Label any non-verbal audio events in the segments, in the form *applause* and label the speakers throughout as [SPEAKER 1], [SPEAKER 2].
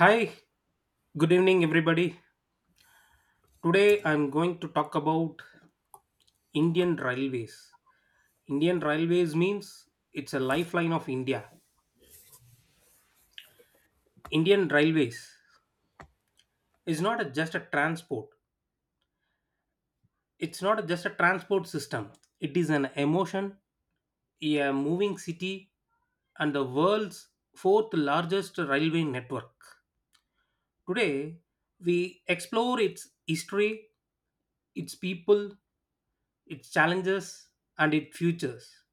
[SPEAKER 1] Hi, good evening, everybody. Today I'm going to talk about Indian Railways. Indian Railways means it's a lifeline of India. Indian Railways is not just a transport, it's not just a transport system. It is an emotion, a moving city, and the world's fourth largest railway network. Today, we explore its history, its people, its challenges, and its futures.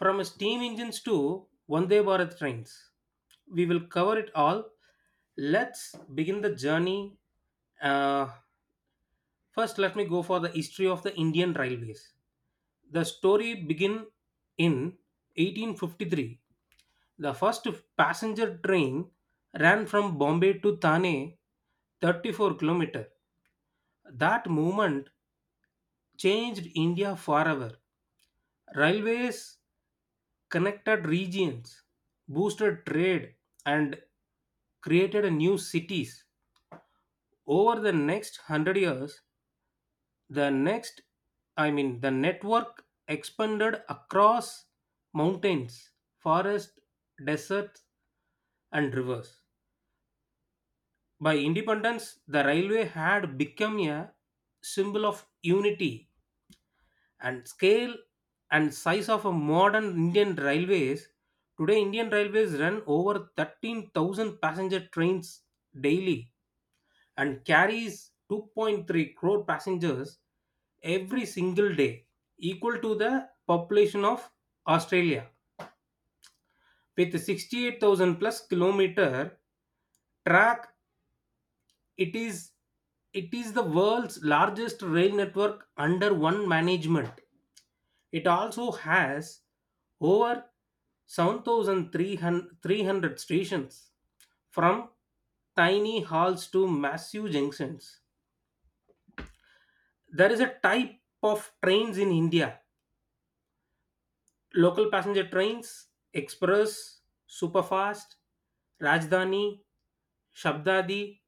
[SPEAKER 1] From steam engines to Vande Bharat trains, we will cover it all. Let's begin the journey. Uh, First, let me go for the history of the Indian railways. The story begin in 1853. The first passenger train ran from Bombay to Thane, 34 kilometer. That movement changed India forever. Railways connected regions, boosted trade, and created new cities. Over the next 100 years, the next, I mean, the network expanded across mountains, forests, deserts, and rivers. By independence, the railway had become a symbol of unity and scale and size of a modern Indian Railways. Today, Indian Railways run over 13,000 passenger trains daily and carries 2.3 crore passengers every single day, equal to the population of Australia. With 68,000 plus kilometer track, it is it is the world's largest rail network under one management. It also has over 7,300 stations, from tiny halls to massive junctions. There is a type of trains in India: local passenger trains, express, superfast, Rajdhani, Shabdadi,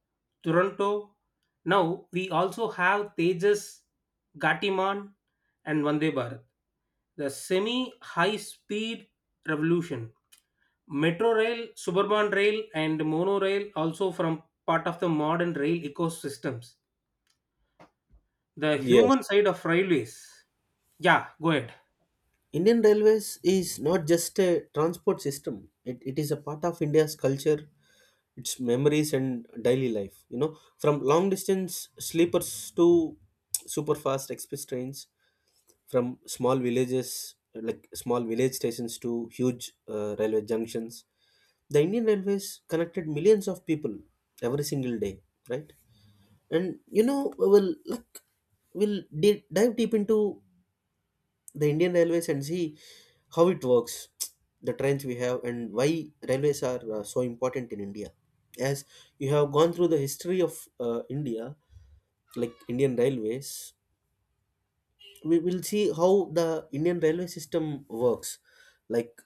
[SPEAKER 1] Toronto. Now we also have Tejas, Gatiman, and Vande Bharat. The semi high speed revolution. Metro rail, suburban rail, and monorail also from part of the modern rail ecosystems. The
[SPEAKER 2] Yes.
[SPEAKER 1] human side of railways. Yeah, go ahead.
[SPEAKER 2] Indian Railways is not just a transport system, it is a part of India's culture, its memories, and daily life. You know, from long distance sleepers to super fast express trains, from small villages like small village stations to huge railway junctions. The Indian Railways connected millions of people every single day, right? And you know, well, look, dive deep into the Indian Railways and see how it works, *tsk* the trains we have, and why railways are so important in India. As you have gone through the history of India, like Indian Railways, we will see how the Indian railway system works. Like,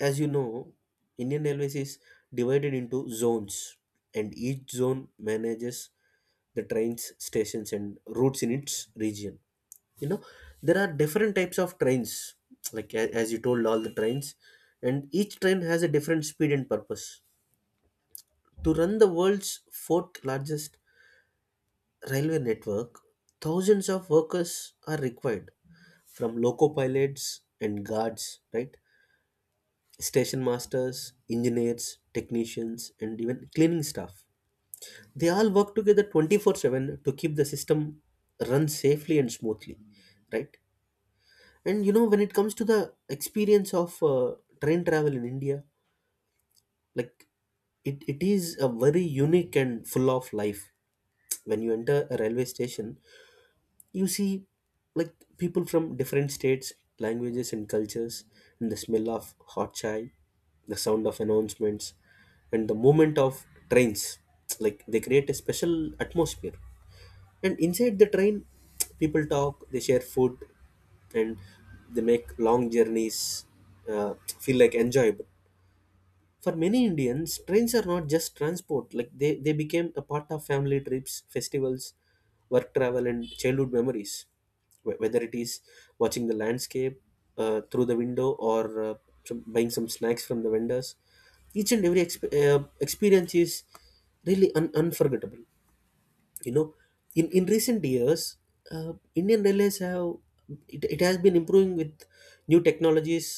[SPEAKER 2] as you know, Indian Railways is divided into zones, and each zone manages the trains, stations, and routes in its region. You know, there are different types of trains, like as you told, all the trains, and each train has a different speed and purpose to run the world's fourth largest railway network. Thousands of workers are required, from loco pilots and guards, right, station masters, engineers, technicians, and even cleaning staff. They all work together 24/7 to keep the system run safely and smoothly, right? And you know, when it comes to the experience of train travel in India, like it is a very unique and full of life. When you enter a railway station, you see like people from different states, languages, and cultures, and the smell of hot chai, the sound of announcements, and the movement of trains. Like they create a special atmosphere. And inside the train, people talk, they share food, and they make long journeys uh, feel like enjoyable. For many Indians, trains are not just transport, like they became a part of family trips, festivals, work travel, and childhood memories. Whether it is watching the landscape through the window or some, buying some snacks from the vendors, each and every experience is really unforgettable. You know, in recent years, Indian Railways have, it has been improving with new technologies,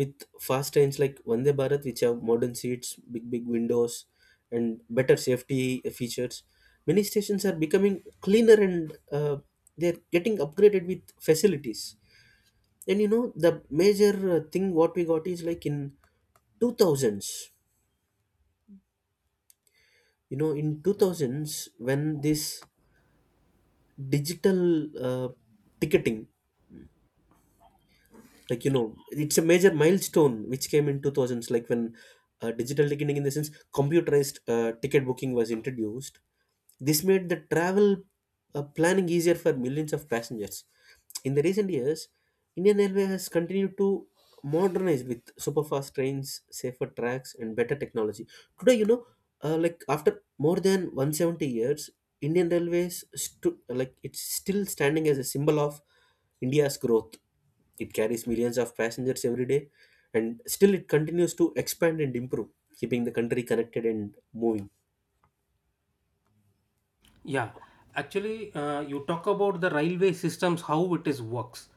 [SPEAKER 2] with fast trains like Vande Bharat, which have modern seats, big big windows, and better safety features. Many stations are becoming cleaner and they're getting upgraded with facilities. And you know, the major thing what we got is like in 2000s, you know, in 2000s, when this digital uh, ticketing, like you know, it's a major milestone which came in 2000s, like when digital ticketing, in the sense computerized ticket booking, was introduced. This made the travel planning easier for millions of passengers. In the recent years, Indian Railway has continued to modernize with super fast trains, safer tracks, and better technology. Today, you know, like after more than 170 years, Indian Railways like it's still standing as a symbol of India's growth. It carries millions of passengers every day, and still it continues to expand and improve, keeping the country connected and moving.
[SPEAKER 1] Yeah, actually, you talk about the railway systems, how it is works.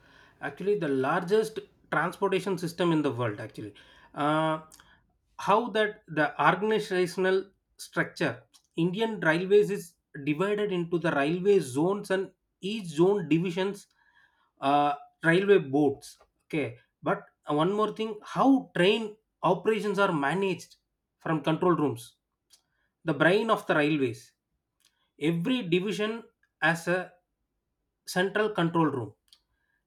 [SPEAKER 1] Actually, the largest transportation system in the world. Actually, uh, how that the organizational structure. Indian railways is divided into the railway zones and each zone divisions, uh, railway boards. Okay, but one more thing, how train operations are managed from control rooms, the brain of the railways. Every division has a central control room.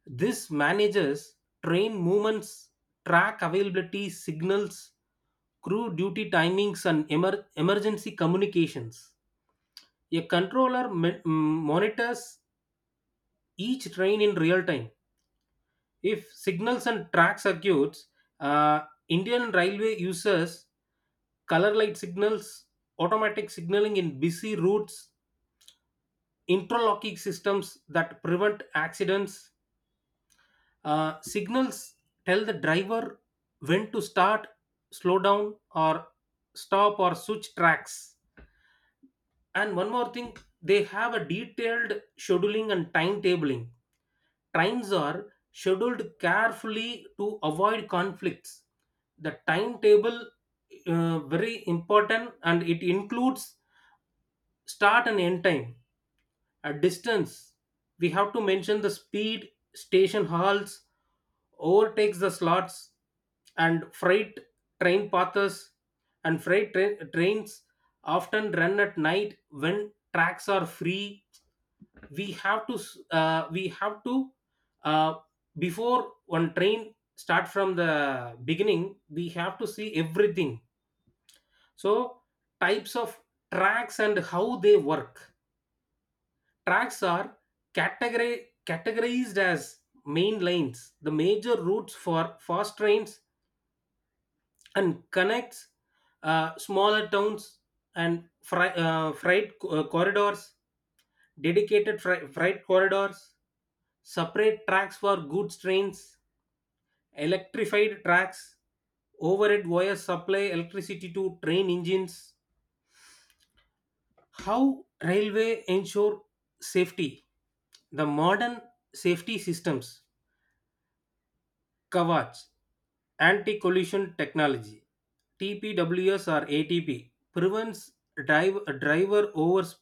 [SPEAKER 1] This manages train movements, track availability, signals, crew duty timings, and emergency communications. A controller monitors each train in real time. If signals and track circuits, uh, Indian Railway uses color light signals, automatic signaling in busy routes, interlocking systems that prevent accidents. Signals tell the driver when to start, slow down, or stop, or switch tracks. And one more thing, they have a detailed scheduling and timetabling. Times are scheduled carefully to avoid conflicts. The timetable very important, and it includes start and end time. At distance, we have to mention the speed, station halts, overtakes the slots, and freight train paths. And freight trains often run at night when tracks are free. We have to s- we have to uh, Before one train start from the beginning, we have to see everything. So, types of tracks and how they work. Tracks are categorized as main lines, the major routes for fast trains, and connects smaller towns, and freight corridors, dedicated freight corridors, separate tracks for goods trains, electrified tracks, overhead wires supply electricity to train engines. How railway ensure safety? The modern safety systems: Kavach, anti collision technology, TPWS or ATP, prevents driver overspeeding.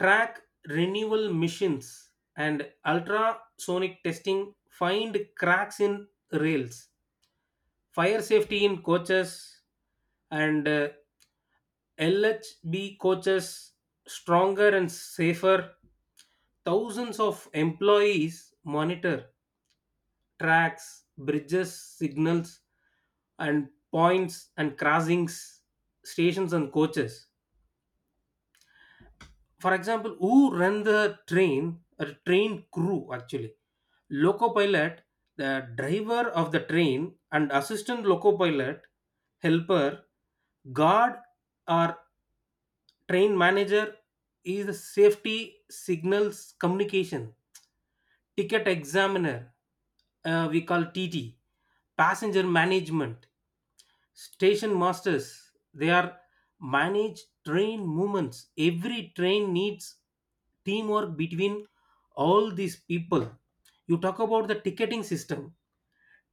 [SPEAKER 1] Track renewal missions and ultrasonic testing find cracks in rails. Fire safety in coaches, and LHB coaches stronger and safer. Thousands of employees monitor tracks, bridges, signals, and points and crossings, stations and coaches. For example, who run the train? A train crew actually. Loco pilot, the driver of the train, and assistant loco pilot, helper. Guard or train manager is a safety, signals, communication. Ticket examiner, we call TT, passenger management. Station masters, they are manage train movements. Every train needs teamwork between all these people. You talk about the ticketing system.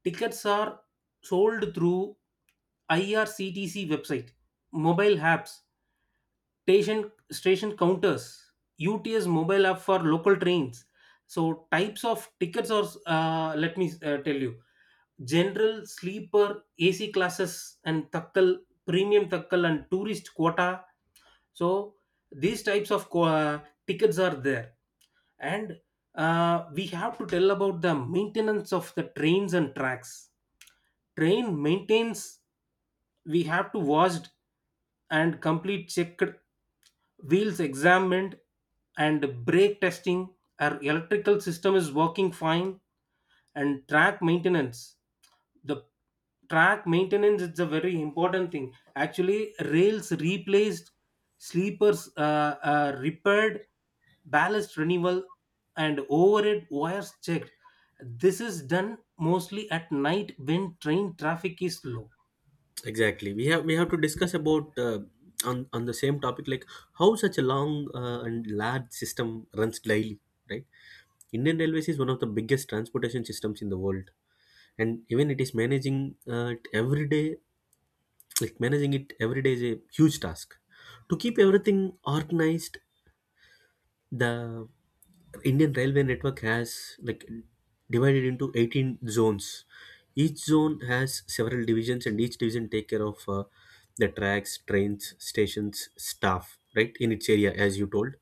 [SPEAKER 1] Tickets are sold through IRCTC website, mobile apps, station counters, UTS mobile app for local trains. So types of tickets are, let me tell you: general, sleeper, AC classes, and takkal, premium takkal, and tourist quota. So these types of tickets are there. And we have to tell about the maintenance of the trains and tracks. Train maintains: we have to washed and complete checked, wheels examined, and brake testing. Our electrical system is working fine. And track maintenance, the track maintenance is a very important thing. Actually, rails replaced, sleepers repaired, ballast renewal, and overhead wires checked. This is done mostly at night when train traffic is low.
[SPEAKER 2] Exactly. We have to discuss about on the same topic, like how such a long and large system runs daily, right? Indian Railways is one of the biggest transportation systems in the world, and even it is managing it every day. Like managing it every day is a huge task. To keep everything organized, the Indian railway network has like divided into 18 zones. Each zone has several divisions, and each division take care of the tracks, trains, stations, staff, right, in its area, as you told.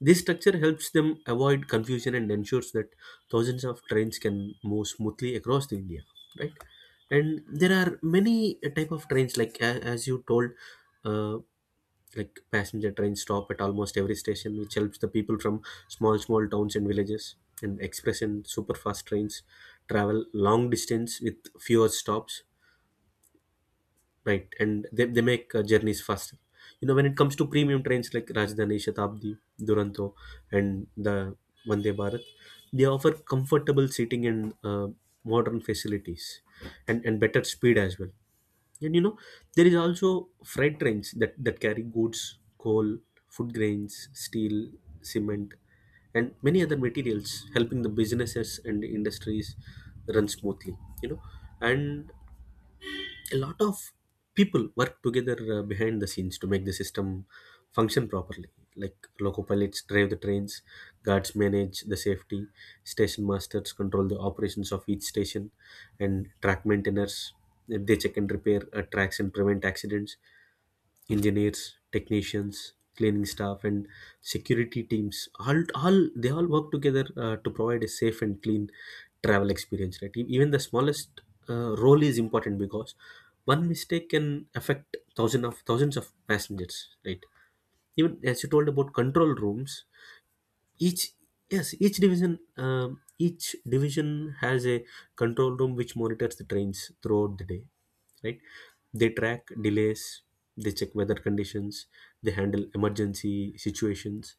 [SPEAKER 2] This structure helps them avoid confusion and ensures that thousands of trains can move smoothly across the India, right? And there are many type of trains, like as you told, uh, like passenger trains stop at almost every station, which helps the people from small small towns and villages, and express and super fast trains travel long distance with fewer stops, night, and they make journeys faster. You know, when it comes to premium trains like Rajdhani, Shatabdi, Duronto, and the Vande Bharat, they offer comfortable seating and uh, modern facilities, and better speed as well. And you know, there is also freight trains that carry goods, coal, food grains, steel, cement, and many other materials, helping the businesses and industries run smoothly. You know, and a lot of people work together behind the scenes to make the system function properly. Like loco pilots drive the trains, guards manage the safety, station masters control the operations of each station, and track maintainers, they check and repair tracks and prevent accidents. Engineers, technicians, cleaning staff, and security teams, all they all work together to provide a safe and clean travel experience, right? Even the smallest role is important, because one mistake can affect thousands of passengers, right? Even as you told about control rooms, each, yes, each division, each division has a control room which monitors the trains throughout the day, right? They track delays, they check weather conditions, they handle emergency situations,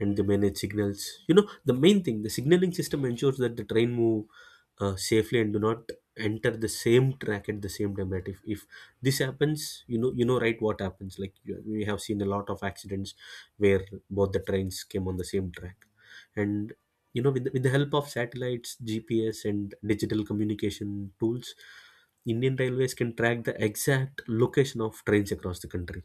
[SPEAKER 2] and they manage signals. You know, the main thing, the signaling system ensures that the train move safely and do not enter the same track at the same time, right? If this happens, you know, you know right what happens, like you, we have seen a lot of accidents where both the trains came on the same track. And you know, with the help of satellites, GPS, and digital communication tools, Indian Railways can track the exact location of trains across the country,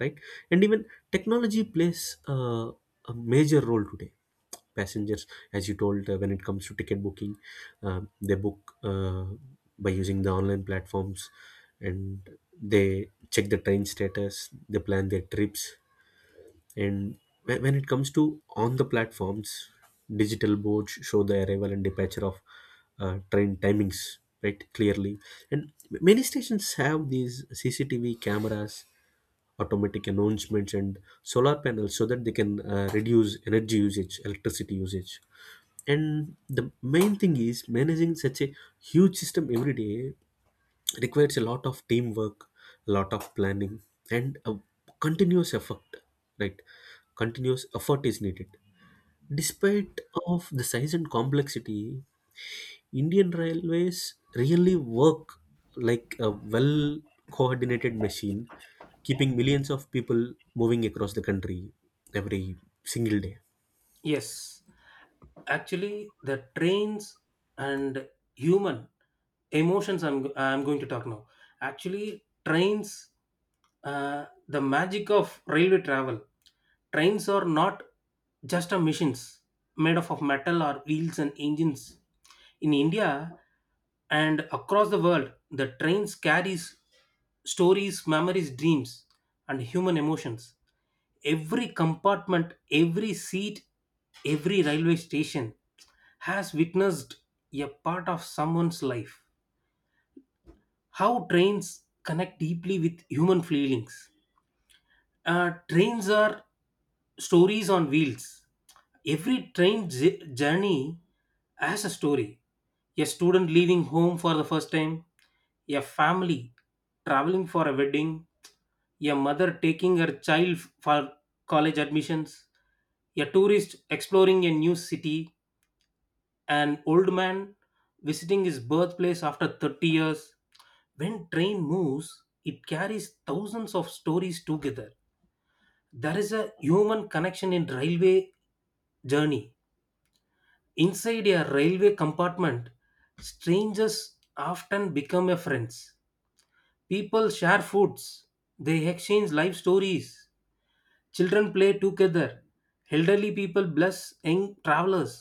[SPEAKER 2] right? And even technology plays a major role today. Passengers, as you told, when it comes to ticket booking, they book by using the online platforms, and they check the train status, they plan their trips, and when it comes to on the platforms, digital boards show the arrival and departure of train timings, right, clearly. And many stations have these CCTV cameras, automatic announcements, and solar panels so that they can reduce energy usage, electricity usage. And the main thing is managing such a huge system every day requires a lot of teamwork, a lot of planning, and a continuous effort, right? Continuous effort is needed. Despite of the size and complexity, Indian railways really work like a well coordinated machine, keeping millions of people moving across the country every single day.
[SPEAKER 1] Yes, actually, the trains and human emotions. I'm going to talk now. Actually, trains, the magic of railway travel. Trains are not just a machines made up of metal or wheels and engines. In India and across the world, the trains carries stories, memories, dreams, and human emotions. Every compartment, every seat, every railway station has witnessed a part of someone's life. How trains connect deeply with human feelings. Trains are stories on wheels. Every train journey has a story. A student leaving home for the first time, a family traveling for a wedding, a mother taking her child for college admissions, a tourist exploring a new city, an old man visiting his birthplace after 30 years. When train moves, it carries thousands of stories together. There is a human connection in railway journey. Inside a railway compartment, strangers often become a friends. People share foods, they exchange life stories, children play together, elderly people bless young travelers,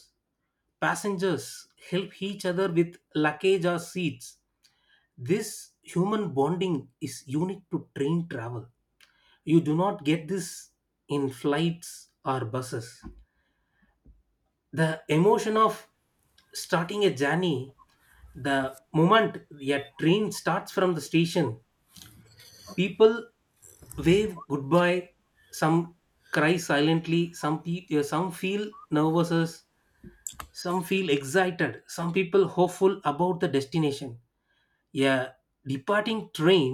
[SPEAKER 1] passengers help each other with luggage or seats. This human bonding is unique to train travel. You do not get this in flights or buses. The emotion of starting a journey. The moment a train starts from the station, people wave goodbye, some cry silently, some feel nervous, some feel excited, some people hopeful about the destination. A departing train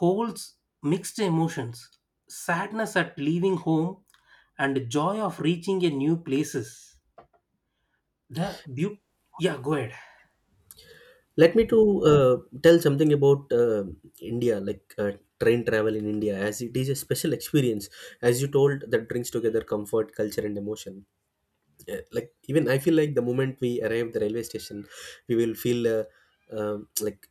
[SPEAKER 1] holds mixed emotions: sadness at leaving home, and joy of reaching a new places. the beau- yeah, go ahead.
[SPEAKER 2] Let me to uh, tell something about India, like train travel in India, as it is a special experience. As you told, that brings together comfort, culture, and emotion. Like even I feel like the moment we arrive the railway station, we will feel like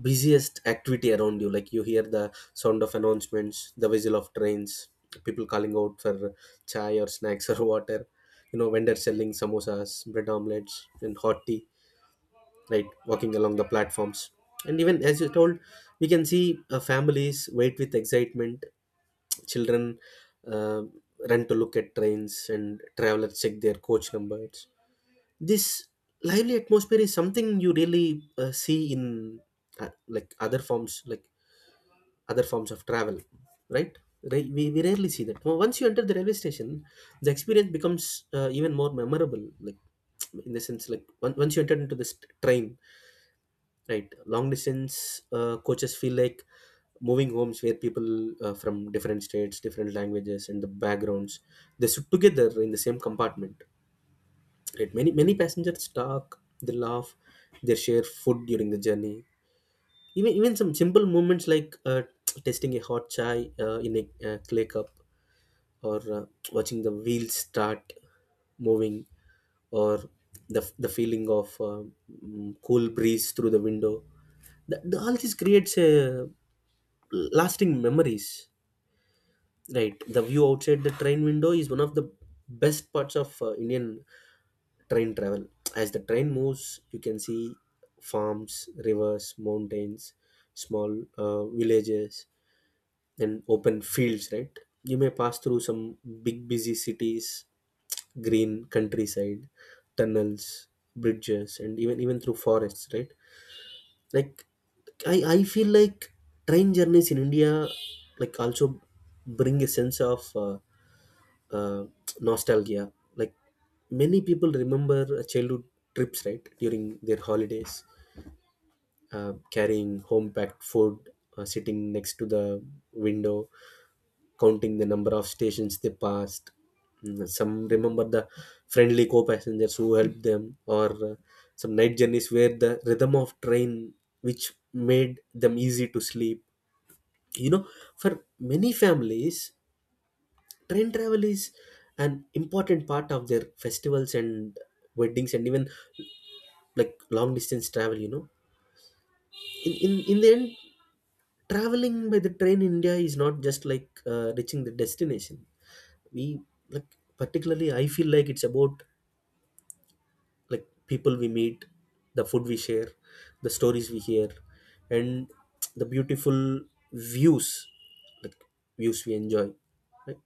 [SPEAKER 2] busiest activity around you, like you hear the sound of announcements, the whistle of trains, people calling out for chai or snacks or water. You know, vendors selling samosas, bread, omelets, and hot tea, right, walking along the platforms. And even as you told, we can see families wait with excitement, children uh, run to look at trains, and travelers check their coach numbers. This lively atmosphere is something you really see in like other forms, like other forms of travel, right? We rarely see that. Well, once you enter the railway station, the experience becomes even more memorable, like *tsk* in the sense like once you enter into this train, right, long distance coaches feel like moving homes where people from different states, different languages, and the backgrounds, they sit together in the same compartment. Right. Many many passengers talk, they laugh, they share food during the journey. Even some simple moments like *tsk* tasting a hot chai in a clay cup, or watching the wheels start moving, or the feeling of cool breeze through the window. All this creates a lasting memories. Right. The view outside the train window is one of the best parts of Indian train travel. As the train moves, you can see farms, rivers, mountains, small villages, and open fields, right? You may pass through some big, busy cities, green countryside, tunnels, bridges, and even through forests, right? Like, I feel like train journeys in India like also bring a sense of uh, nostalgia. Like many people remember childhood trips, right, during their holidays, carrying home packed food, sitting next to the window, counting the number of stations they passed. Mm, some remember the friendly co passengers who helped them, or some night journeys where the rhythm of train which made them easy to sleep. You know, for many families, train travel is an important part of their festivals and weddings and even like long distance travel in the end, traveling by the train in india is not just like reaching the destination. We like, particularly I feel like it's about like people we meet, the food we share, the stories we hear, and the beautiful views, like views we enjoy, right?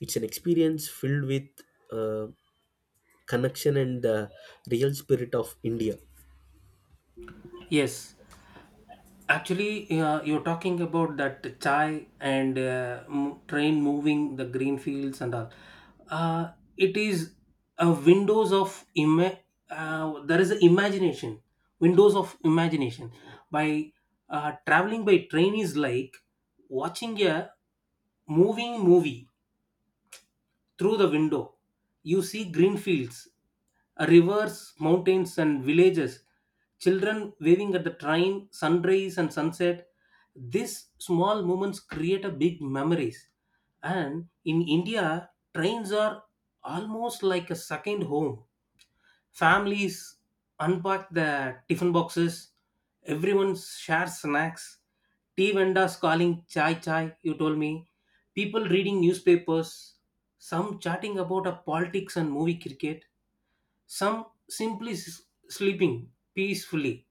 [SPEAKER 2] It's an experience filled with uh, connection and the real spirit of India.
[SPEAKER 1] Yes, actually, you're talking about that chai and train moving the green fields and all. Uh, it is a windows of there is a imagination, windows of imagination. By Traveling by train is like watching a moving movie through the window, you see green fields, rivers, mountains, and villages. Children waving at the train, sunrise, and sunset. These small moments create a big memories. And in India, trains are almost like a second home. Families unpack the tiffin boxes, everyone shares snacks, tea vendors calling chai chai, you told me, people reading newspapers, some chatting about a politics and movie cricket, some simply sleeping peacefully.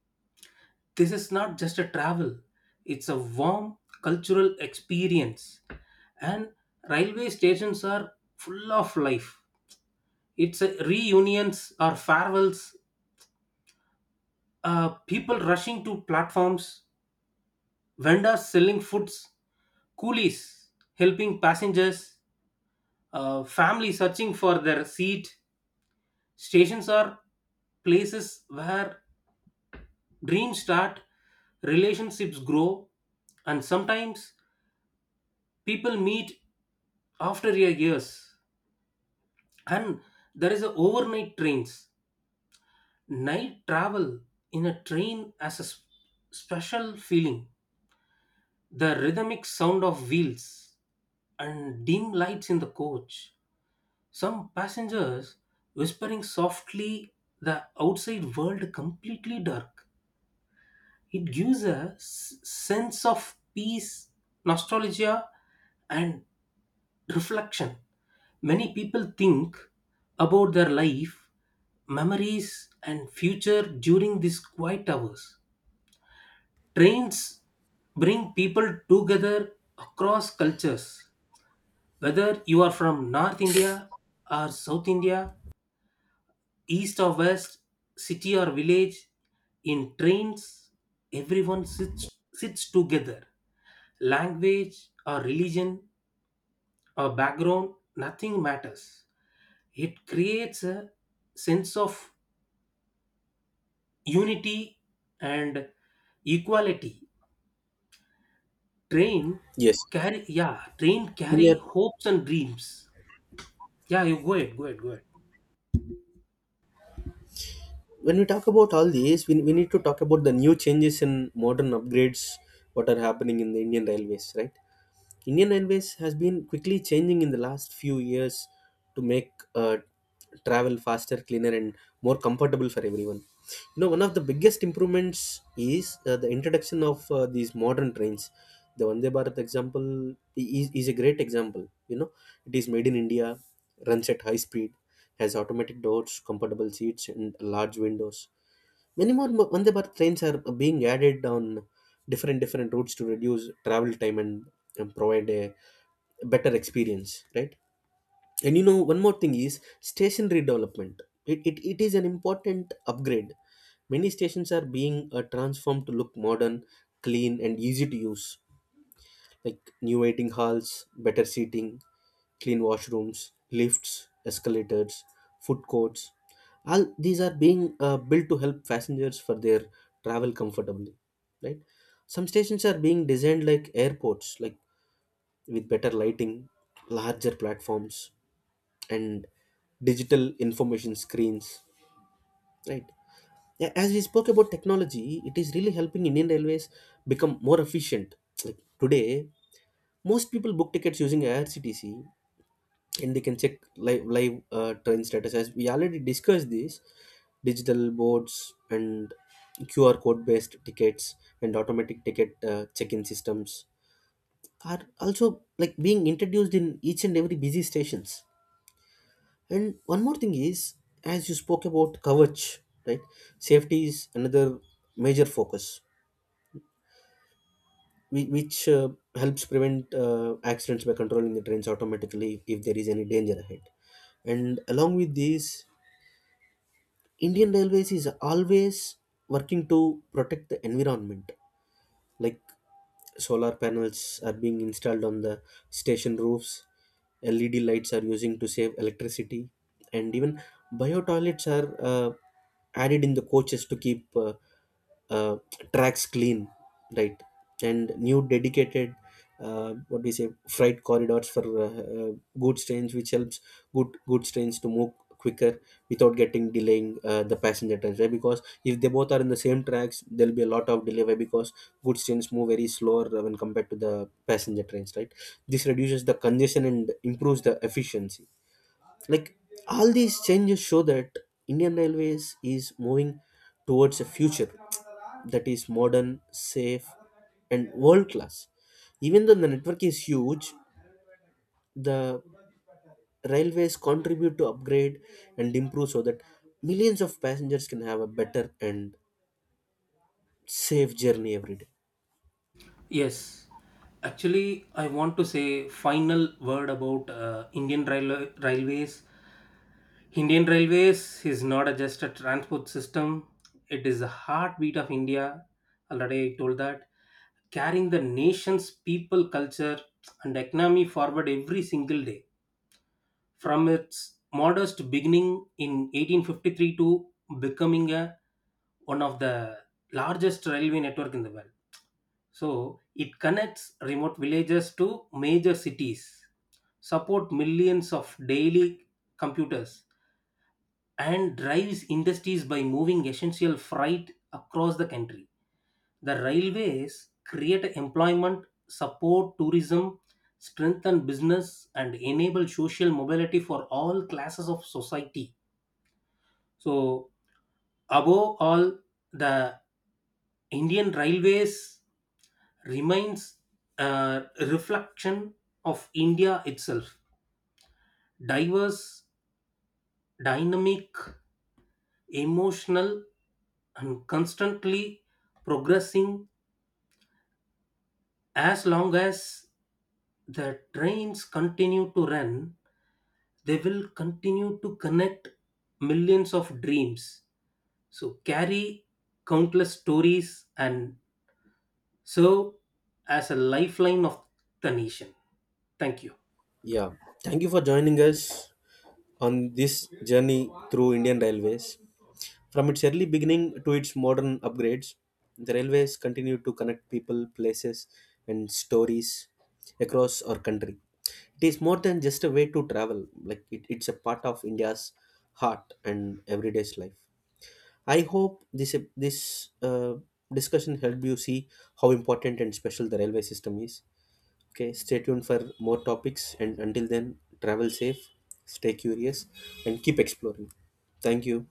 [SPEAKER 1] This is not just a travel, it's a warm cultural experience. And railway stations are full of life. It's a reunions or farewells. People rushing to platforms, vendors selling foods, coolies helping passengers, families searching for their seat. Stations are places where dreams start, relationships grow, and sometimes people meet after your years. And there is a overnight trains. Night travel in a train as a special feeling. The rhythmic sound of wheels and dim lights in the coach, some passengers whispering softly, the outside world completely dark. It gives a sense of peace, nostalgia, and reflection. Many people think about their life, memories, and future during these quiet hours. Trains bring people together across cultures. Whether you are from North India or South India, East or West, city or village, in trains, everyone sits together. Language or religion or background, nothing matters. It creates a sense of unity and equality. Train
[SPEAKER 2] Yes.
[SPEAKER 1] carry, yeah, train
[SPEAKER 2] When we
[SPEAKER 1] carry
[SPEAKER 2] are
[SPEAKER 1] hopes and dreams. Yeah, you go ahead, go ahead, go ahead.
[SPEAKER 2] when we talk about all these, we need to talk about the new changes in modern upgrades what are happening in the Indian railways, right? Indian Airways has been quickly changing in the last few years to make travel faster, cleaner, and more comfortable for everyone. You know, one of the biggest improvements is the introduction of these modern trains. The Vande Bharat example is a great example. You know, it is made in India, runs at high speed, has automatic doors, comfortable seats, and large windows. Many more Vande Bharat trains are being added on different routes to reduce travel time and provide a better experience, right? And you know, one more thing is station redevelopment. It is an important upgrade. Many stations are being transformed to look modern, clean, and easy to use, like new waiting halls, better seating, clean washrooms, lifts, escalators, food courts. All these are being built to help passengers for their travel comfortably, right? Some stations are being designed like airports, like with better lighting, larger platforms, and digital information screens, right? As we spoke about technology, it is really helping Indian Railways become more efficient. Like today, most people book tickets using IRCTC and they can check live train status, as we already discussed. This digital boards and QR code based tickets and automatic ticket check in systems are also like being introduced in each and every busy stations. And one more thing is, as you spoke about coverage, right? Safety is another major focus, which helps prevent accidents by controlling the trains automatically if there is any danger ahead. And along with this, indian railways is always working to protect the environment, like solar panels are being installed on the station roofs, led lights are using to save electricity, and even bio toilets are added in the coaches to keep uh, tracks clean, right? And new dedicated what do you say freight corridors for uh, goods trains, which helps goods trains to move quicker without getting delaying the passenger trains, right? Because if they both are in the same tracks, there'll be a lot of delay, right? Because goods trains move very slower when compared to the passenger trains, right? This reduces the congestion and improves the efficiency. Like, all these changes show that indian railways is moving towards a future that is modern, safe, and world class. Even though the network is huge, the railways contribute to upgrade and improve so that millions of passengers can have a better and safe journey every day.
[SPEAKER 1] Yes, actually, I want to say final word about Indian railways. Indian railways is not just a transport system; it is the heartbeat of India. Already I told that, carrying the nation's people, culture, and economy forward every single day. From its modest beginning in 1853 to becoming one of the largest railway network in the world. So it connects remote villages to major cities, support millions of daily computers, and drives industries by moving essential freight across the country. The railways create employment, support tourism, strengthen business, and enable social mobility for all classes of society. So above all, the Indian railways remains a reflection of India itself: diverse, dynamic, emotional, and constantly progressing. As long as the trains continue to run, they will continue to connect millions of dreams, so carry countless stories and serve as a lifeline of the nation. Thank you.
[SPEAKER 2] Yeah, thank you for joining us on this journey through indian railways. From its early beginning to its modern upgrades, the railways continue to connect people, places, and stories across our country. It is more than just a way to travel, like it's a part of india's heart and everyday's life. I hope this this discussion helped you see how important and special the railway system is. Okay, stay tuned for more topics, and until then, travel safe, stay curious, and keep exploring. Thank you.